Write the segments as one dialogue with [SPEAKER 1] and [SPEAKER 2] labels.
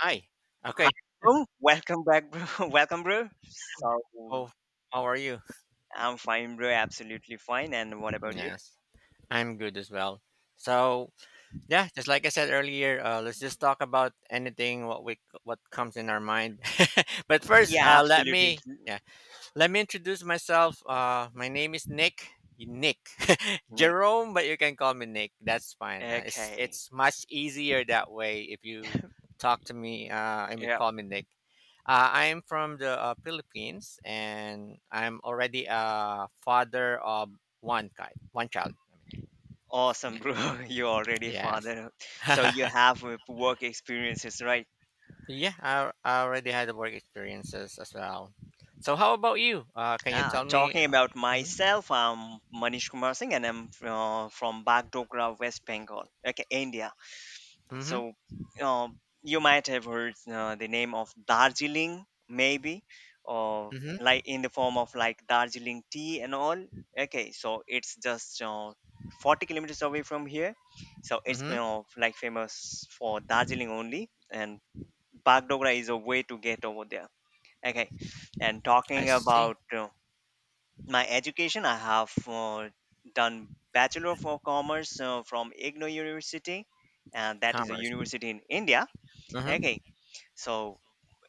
[SPEAKER 1] Hi.
[SPEAKER 2] Hi,
[SPEAKER 1] Okay.
[SPEAKER 2] bro. Welcome back, bro. Welcome, bro. So,
[SPEAKER 1] So, how are you?
[SPEAKER 2] I'm fine, bro. Absolutely fine. And what about you?
[SPEAKER 1] Yes, I'm good as well. So, yeah, just like I said earlier, let's just talk about anything what comes in our mind. But first,
[SPEAKER 2] Yeah,
[SPEAKER 1] let
[SPEAKER 2] absolutely,
[SPEAKER 1] me yeah, let me introduce myself. My name is Nick. Nick,
[SPEAKER 2] Nick.
[SPEAKER 1] Jerome, but you can call me Nick. That's fine. It's
[SPEAKER 2] Okay.
[SPEAKER 1] it's much easier that way if you talk to me, and you
[SPEAKER 2] Yeah.
[SPEAKER 1] call me Nick. I am from the Philippines, and I'm already a father of one kid, one child. I mean,
[SPEAKER 2] Awesome, bro. You're already a
[SPEAKER 1] yeah.
[SPEAKER 2] father. So, you
[SPEAKER 1] Yes.
[SPEAKER 2] have work experiences, right?
[SPEAKER 1] Yeah, I already had work experiences as well. So, how about you? Can you tell me?
[SPEAKER 2] Talking about
[SPEAKER 1] Mm-hmm.
[SPEAKER 2] myself, I'm Manish Kumar Singh, and I'm from Bagdogra, West Bengal, okay, India.
[SPEAKER 1] Mm-hmm.
[SPEAKER 2] So uh, you might have heard the name of Darjeeling, maybe, or
[SPEAKER 1] Mm-hmm.
[SPEAKER 2] like in the form of like Darjeeling tea and all. Okay, so it's just 40 kilometers away from here. So it's,
[SPEAKER 1] Mm-hmm.
[SPEAKER 2] like, famous for Darjeeling only, and Bagdogra is a way to get over there. Okay, and
[SPEAKER 1] I
[SPEAKER 2] talking
[SPEAKER 1] see.
[SPEAKER 2] about my education. I have done Bachelor of Commerce from Igno University, and that is a
[SPEAKER 1] Commerce.
[SPEAKER 2] university in India.
[SPEAKER 1] Mm-hmm.
[SPEAKER 2] Okay. So,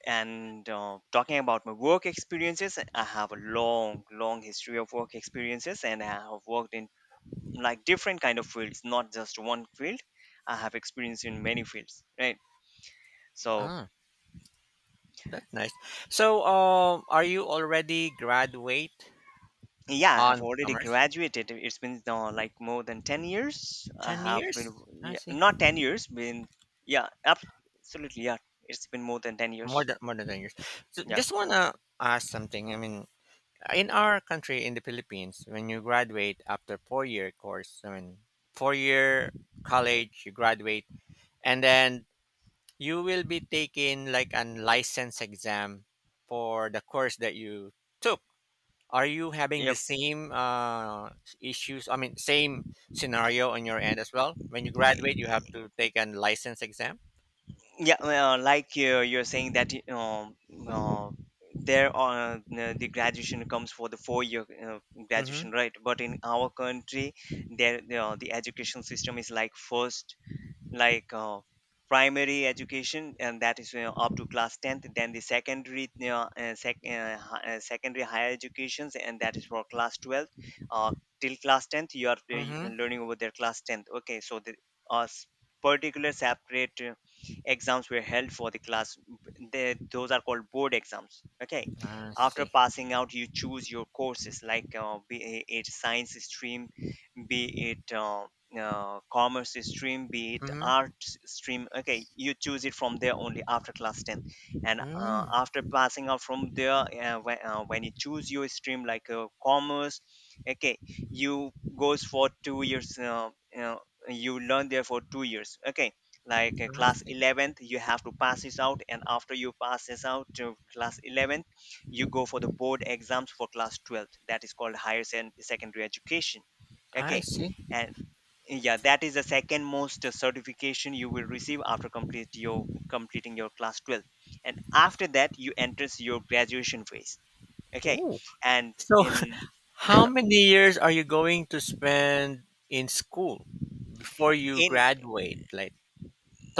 [SPEAKER 2] and talking about my work experiences, I have a long, long history of work experiences, and I have worked in like different kind of fields, not just one field. I have experience in many fields, right? So,
[SPEAKER 1] Ah, that's nice. So, are you already graduate
[SPEAKER 2] yeah, I have
[SPEAKER 1] on
[SPEAKER 2] already
[SPEAKER 1] commerce?
[SPEAKER 2] graduated. It's been like more than 10 years. I
[SPEAKER 1] Ten
[SPEAKER 2] have been,
[SPEAKER 1] years? I
[SPEAKER 2] yeah,
[SPEAKER 1] see.
[SPEAKER 2] not 10 years, been, yeah, absolutely, yeah. It's been more than ten
[SPEAKER 1] More
[SPEAKER 2] years.
[SPEAKER 1] than more than 10 years. So,
[SPEAKER 2] Yeah,
[SPEAKER 1] just wanna ask something. I mean, in our country, in the Philippines, when you graduate after 4-year course, I mean, 4-year college, you graduate, and then you will be taking like a license exam for the course that you took. Are you having the
[SPEAKER 2] yep.
[SPEAKER 1] same issues? I mean, same scenario on your end as well. When you graduate, you have to take an license exam.
[SPEAKER 2] Yeah, well, like you're saying that uh, there are the graduation comes for the four-year
[SPEAKER 1] Mm-hmm.
[SPEAKER 2] graduation, right? But in our country, there the education system is like first, like, primary education, and that is, up to class 10th. Then the secondary, secondary higher educations, and that is for class 12th. uh, Till class 10th you are
[SPEAKER 1] Mm-hmm.
[SPEAKER 2] learning over their class 10th. Okay, so the uh, s- particular separate exams were held for the class. They, those are called board exams. Okay,
[SPEAKER 1] I
[SPEAKER 2] after
[SPEAKER 1] see.
[SPEAKER 2] passing out you choose your courses, like be it science stream, be it commerce stream, be it
[SPEAKER 1] Mm-hmm.
[SPEAKER 2] art stream. Okay, you choose it from there only after class 10. And
[SPEAKER 1] Mm,
[SPEAKER 2] after passing out from there, when you choose your stream, like commerce, okay, you goes for 2 years. Uh, you learn there for 2 years. Okay, like
[SPEAKER 1] I
[SPEAKER 2] class
[SPEAKER 1] see.
[SPEAKER 2] 11th, you have to pass this out, and after you pass this out to class 11th, you go for the board exams for class 12th. That is called higher secondary education.
[SPEAKER 1] I
[SPEAKER 2] Okay,
[SPEAKER 1] see.
[SPEAKER 2] and yeah, that is the second most certification you will receive after complete your completing your class 12. And after that you enters your graduation phase. Okay,
[SPEAKER 1] Ooh.
[SPEAKER 2] and
[SPEAKER 1] So,
[SPEAKER 2] in
[SPEAKER 1] how many years are you going to spend in school before you
[SPEAKER 2] in
[SPEAKER 1] graduate? Like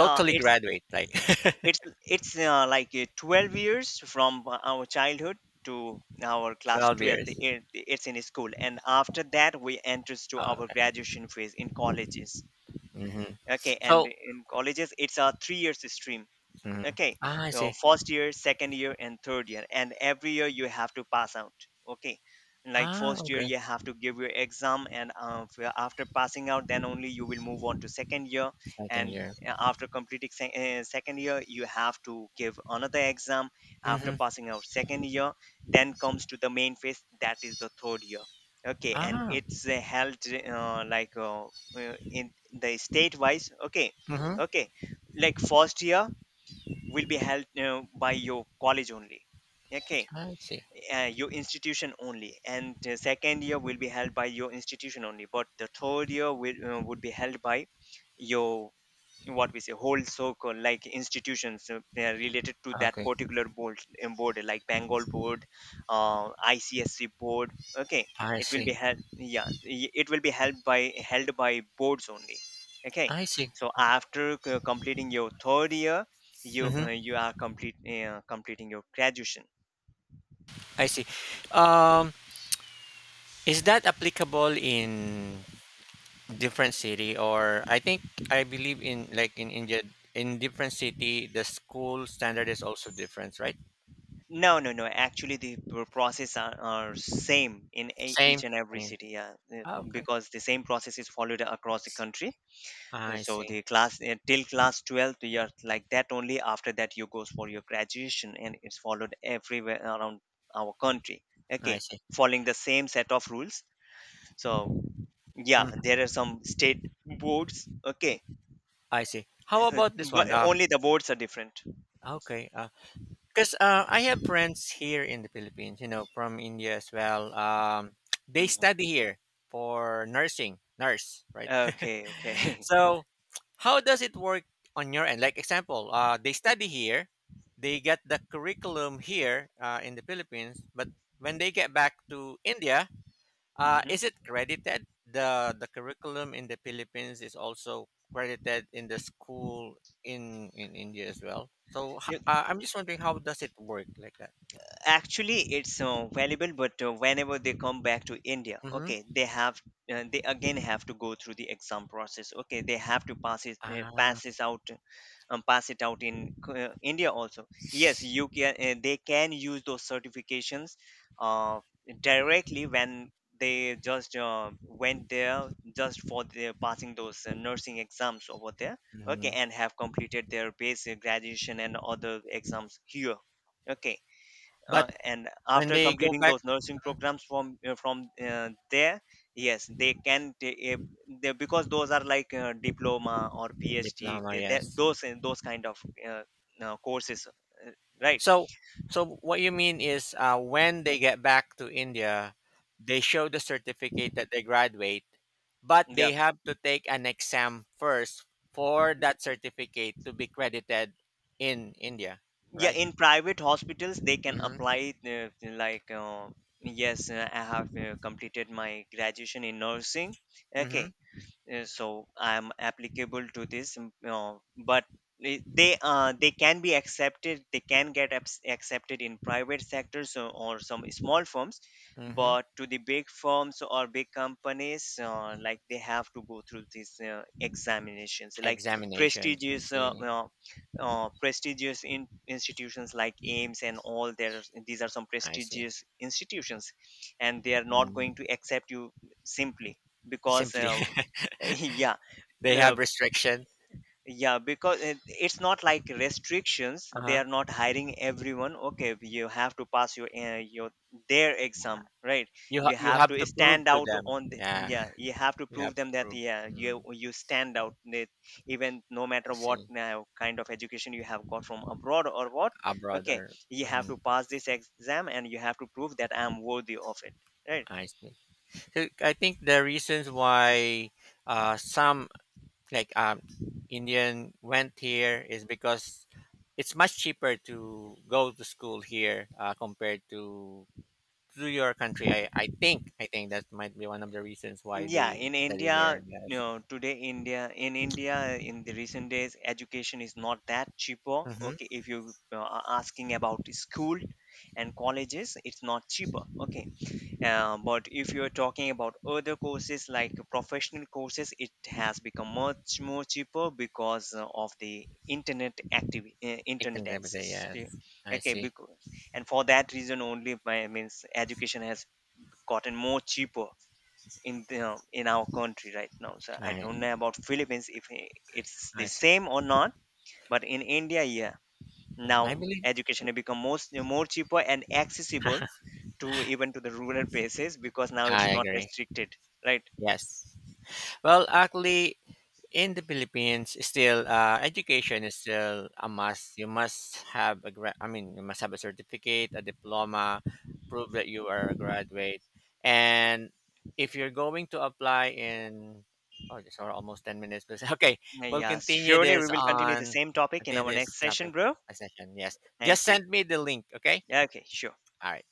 [SPEAKER 2] uh, it's
[SPEAKER 1] graduate? Like
[SPEAKER 2] it's like 12 years from our childhood to our class
[SPEAKER 1] twelve
[SPEAKER 2] 12.
[SPEAKER 1] years?
[SPEAKER 2] It's in school, and after that we enters to
[SPEAKER 1] Ah.
[SPEAKER 2] our
[SPEAKER 1] okay.
[SPEAKER 2] graduation phase in colleges.
[SPEAKER 1] Mm-hmm.
[SPEAKER 2] Okay, and
[SPEAKER 1] So.
[SPEAKER 2] in colleges it's a 3 years stream.
[SPEAKER 1] Mhm.
[SPEAKER 2] Okay,
[SPEAKER 1] Ah, I
[SPEAKER 2] now
[SPEAKER 1] see.
[SPEAKER 2] first year, second year, and third year, and every year you have to pass out. Okay, like
[SPEAKER 1] Ah,
[SPEAKER 2] first year
[SPEAKER 1] okay.
[SPEAKER 2] you have to give your exam, and after passing out, then only you will move on to second year.
[SPEAKER 1] Second
[SPEAKER 2] And
[SPEAKER 1] year.
[SPEAKER 2] after completing second year, you have to give another exam. After
[SPEAKER 1] Mm-hmm.
[SPEAKER 2] passing out second year, then comes to the main phase, that is the third year. Okay, and
[SPEAKER 1] Ah,
[SPEAKER 2] it's held, uh, like uh, in the state wise. Okay.
[SPEAKER 1] Mm-hmm.
[SPEAKER 2] Okay, like first year will be held by your college only. Okay,
[SPEAKER 1] I see.
[SPEAKER 2] your institution only. And the second year will be held by your institution only, but the third year will would be held by your, what we say, whole circle, like institutions, they are related to that
[SPEAKER 1] Okay.
[SPEAKER 2] particular board, like Bengal board, ICSC board. Okay,
[SPEAKER 1] I
[SPEAKER 2] it will
[SPEAKER 1] see.
[SPEAKER 2] be held, yeah, it will be held by boards only. Okay,
[SPEAKER 1] I see.
[SPEAKER 2] so after completing your third year, you,
[SPEAKER 1] Mm-hmm.
[SPEAKER 2] you are complete completing your graduation.
[SPEAKER 1] I see. Um, is that applicable in different city, or I think I believe in, like, in India in different city the school standard is also different, right?
[SPEAKER 2] No, no, no, actually the process are same in
[SPEAKER 1] Same.
[SPEAKER 2] each and every
[SPEAKER 1] Same.
[SPEAKER 2] city, yeah,
[SPEAKER 1] Ah, okay.
[SPEAKER 2] because the same process is followed across the country. And
[SPEAKER 1] I
[SPEAKER 2] so
[SPEAKER 1] see.
[SPEAKER 2] the class, till class 12th year, like that only. After that you goes for your graduation, and it's followed everywhere around our country.
[SPEAKER 1] I
[SPEAKER 2] Okay,
[SPEAKER 1] see.
[SPEAKER 2] following the same set of rules. So yeah,
[SPEAKER 1] Mm,
[SPEAKER 2] there are some state boards. Okay,
[SPEAKER 1] I see. How
[SPEAKER 2] uh,
[SPEAKER 1] about this
[SPEAKER 2] but
[SPEAKER 1] one?
[SPEAKER 2] only the boards are different.
[SPEAKER 1] Okay. Because I have friends here in the Philippines, you know, from India as well. They
[SPEAKER 2] Mhm.
[SPEAKER 1] study here for nursing, nurse, right?
[SPEAKER 2] Okay, okay.
[SPEAKER 1] So how does it work on your end? Like example, they study here, they get the curriculum here, in the Philippines, but when they get back to India,
[SPEAKER 2] Mhm.
[SPEAKER 1] is it credited? The curriculum in the Philippines is also credited in the school in India as well.
[SPEAKER 2] You-
[SPEAKER 1] I'm just wondering how does it work like that?
[SPEAKER 2] Actually it's valuable, but whenever they come back to India.
[SPEAKER 1] Mhm.
[SPEAKER 2] Okay, they have, they again have to go through the exam process. Okay, they have to pass it,
[SPEAKER 1] Ah,
[SPEAKER 2] pass this out, pass it out in India also. Yes, you can, they can use those certifications uh, directly when they just went there just for the passing those nursing exams over there. Okay,
[SPEAKER 1] mhm.
[SPEAKER 2] and have completed their basic graduation and other exams here. Okay,
[SPEAKER 1] But
[SPEAKER 2] and
[SPEAKER 1] when
[SPEAKER 2] after
[SPEAKER 1] they go
[SPEAKER 2] completing
[SPEAKER 1] back,
[SPEAKER 2] those nursing
[SPEAKER 1] mhm,
[SPEAKER 2] programs from there. Yes, they can, if they, because those are like diploma or PhD,
[SPEAKER 1] diploma, yes.
[SPEAKER 2] those, those kind of uh, courses, right?
[SPEAKER 1] So so what you mean is, when they get back to India, they show the certificate that they graduate, but
[SPEAKER 2] Yeah.
[SPEAKER 1] they have to take an exam first for
[SPEAKER 2] Y-
[SPEAKER 1] that certificate to be credited in India,
[SPEAKER 2] yeah,
[SPEAKER 1] right?
[SPEAKER 2] in private hospitals they can
[SPEAKER 1] Mhm.
[SPEAKER 2] apply, yes, I have completed my graduation in nursing. Okay.
[SPEAKER 1] Mhm.
[SPEAKER 2] So I'm applicable to this, but they, they can be accepted. They can get accepted in private sectors, or some small firms,
[SPEAKER 1] Mhm.
[SPEAKER 2] but to the big firms or big companies, like they have to go through these examinations, like
[SPEAKER 1] Examination. I
[SPEAKER 2] prestigious
[SPEAKER 1] see.
[SPEAKER 2] institutions like AIMS and all. There, these are some
[SPEAKER 1] I see.
[SPEAKER 2] prestigious institutions, and they are not
[SPEAKER 1] Mhm.
[SPEAKER 2] going to accept you simply, because
[SPEAKER 1] Simply.
[SPEAKER 2] yeah.
[SPEAKER 1] They
[SPEAKER 2] uh,
[SPEAKER 1] have restriction.
[SPEAKER 2] yeah, because it's not like restrictions, they
[SPEAKER 1] Uh-huh.
[SPEAKER 2] are not hiring everyone. Okay, you have to pass your their exam, right?
[SPEAKER 1] You ha-
[SPEAKER 2] You
[SPEAKER 1] you
[SPEAKER 2] have
[SPEAKER 1] have
[SPEAKER 2] to
[SPEAKER 1] to prove
[SPEAKER 2] stand
[SPEAKER 1] to
[SPEAKER 2] out
[SPEAKER 1] them.
[SPEAKER 2] on
[SPEAKER 1] Yeah,
[SPEAKER 2] yeah, you have to
[SPEAKER 1] you have
[SPEAKER 2] prove
[SPEAKER 1] to
[SPEAKER 2] them that
[SPEAKER 1] prove.
[SPEAKER 2] yeah,
[SPEAKER 1] Mm,
[SPEAKER 2] you stand out, that even no
[SPEAKER 1] I
[SPEAKER 2] matter what
[SPEAKER 1] see,
[SPEAKER 2] kind of education you have got from abroad or what.
[SPEAKER 1] abroad
[SPEAKER 2] Okay,
[SPEAKER 1] or,
[SPEAKER 2] you have to
[SPEAKER 1] mhm,
[SPEAKER 2] pass this exam and you have to prove that I am worthy of it, right?
[SPEAKER 1] I see. So I think the reasons why some, like, Indian went here is because it's much cheaper to go to school here compared to your country. I think that might be one of the reasons why
[SPEAKER 2] Yeah,
[SPEAKER 1] they
[SPEAKER 2] in
[SPEAKER 1] study here.
[SPEAKER 2] India,
[SPEAKER 1] Yes.
[SPEAKER 2] today India, in the recent days, education is not that cheaper.
[SPEAKER 1] Mm-hmm.
[SPEAKER 2] Okay, if you are asking about the school and colleges, it's not cheaper. Okay, but if you're talking about other courses, like professional courses, it has become much more cheaper because of the internet activity,
[SPEAKER 1] It can
[SPEAKER 2] internet
[SPEAKER 1] be.
[SPEAKER 2] access.
[SPEAKER 1] Yes.
[SPEAKER 2] Yeah.
[SPEAKER 1] I
[SPEAKER 2] Okay,
[SPEAKER 1] see.
[SPEAKER 2] because, and for that reason only, my means education has gotten more cheaper in in our country right now. So I
[SPEAKER 1] I
[SPEAKER 2] don't know about Philippines, if it's the
[SPEAKER 1] I see.
[SPEAKER 2] same or not, but in India, yeah,
[SPEAKER 1] Mhm. I
[SPEAKER 2] now
[SPEAKER 1] believe.
[SPEAKER 2] education has become most more cheaper and accessible to even to the rural places, because now it's
[SPEAKER 1] I
[SPEAKER 2] not
[SPEAKER 1] agree.
[SPEAKER 2] restricted, right?
[SPEAKER 1] Yes. Well, actually, in the Philippines, still education is still a must. You must have a I mean, you must have a certificate, a diploma, prove that you are a graduate. And if you're going to apply in, oh, this are almost 10 minutes. But okay, we'll
[SPEAKER 2] Yeah,
[SPEAKER 1] continue
[SPEAKER 2] surely we
[SPEAKER 1] this
[SPEAKER 2] will continue the
[SPEAKER 1] on.
[SPEAKER 2] same
[SPEAKER 1] I
[SPEAKER 2] topic in
[SPEAKER 1] think
[SPEAKER 2] our
[SPEAKER 1] this
[SPEAKER 2] next
[SPEAKER 1] topic
[SPEAKER 2] session, bro.
[SPEAKER 1] a session. Yes, just
[SPEAKER 2] Thank you.
[SPEAKER 1] send me the link. Okay.
[SPEAKER 2] Yeah, okay, sure.
[SPEAKER 1] All right.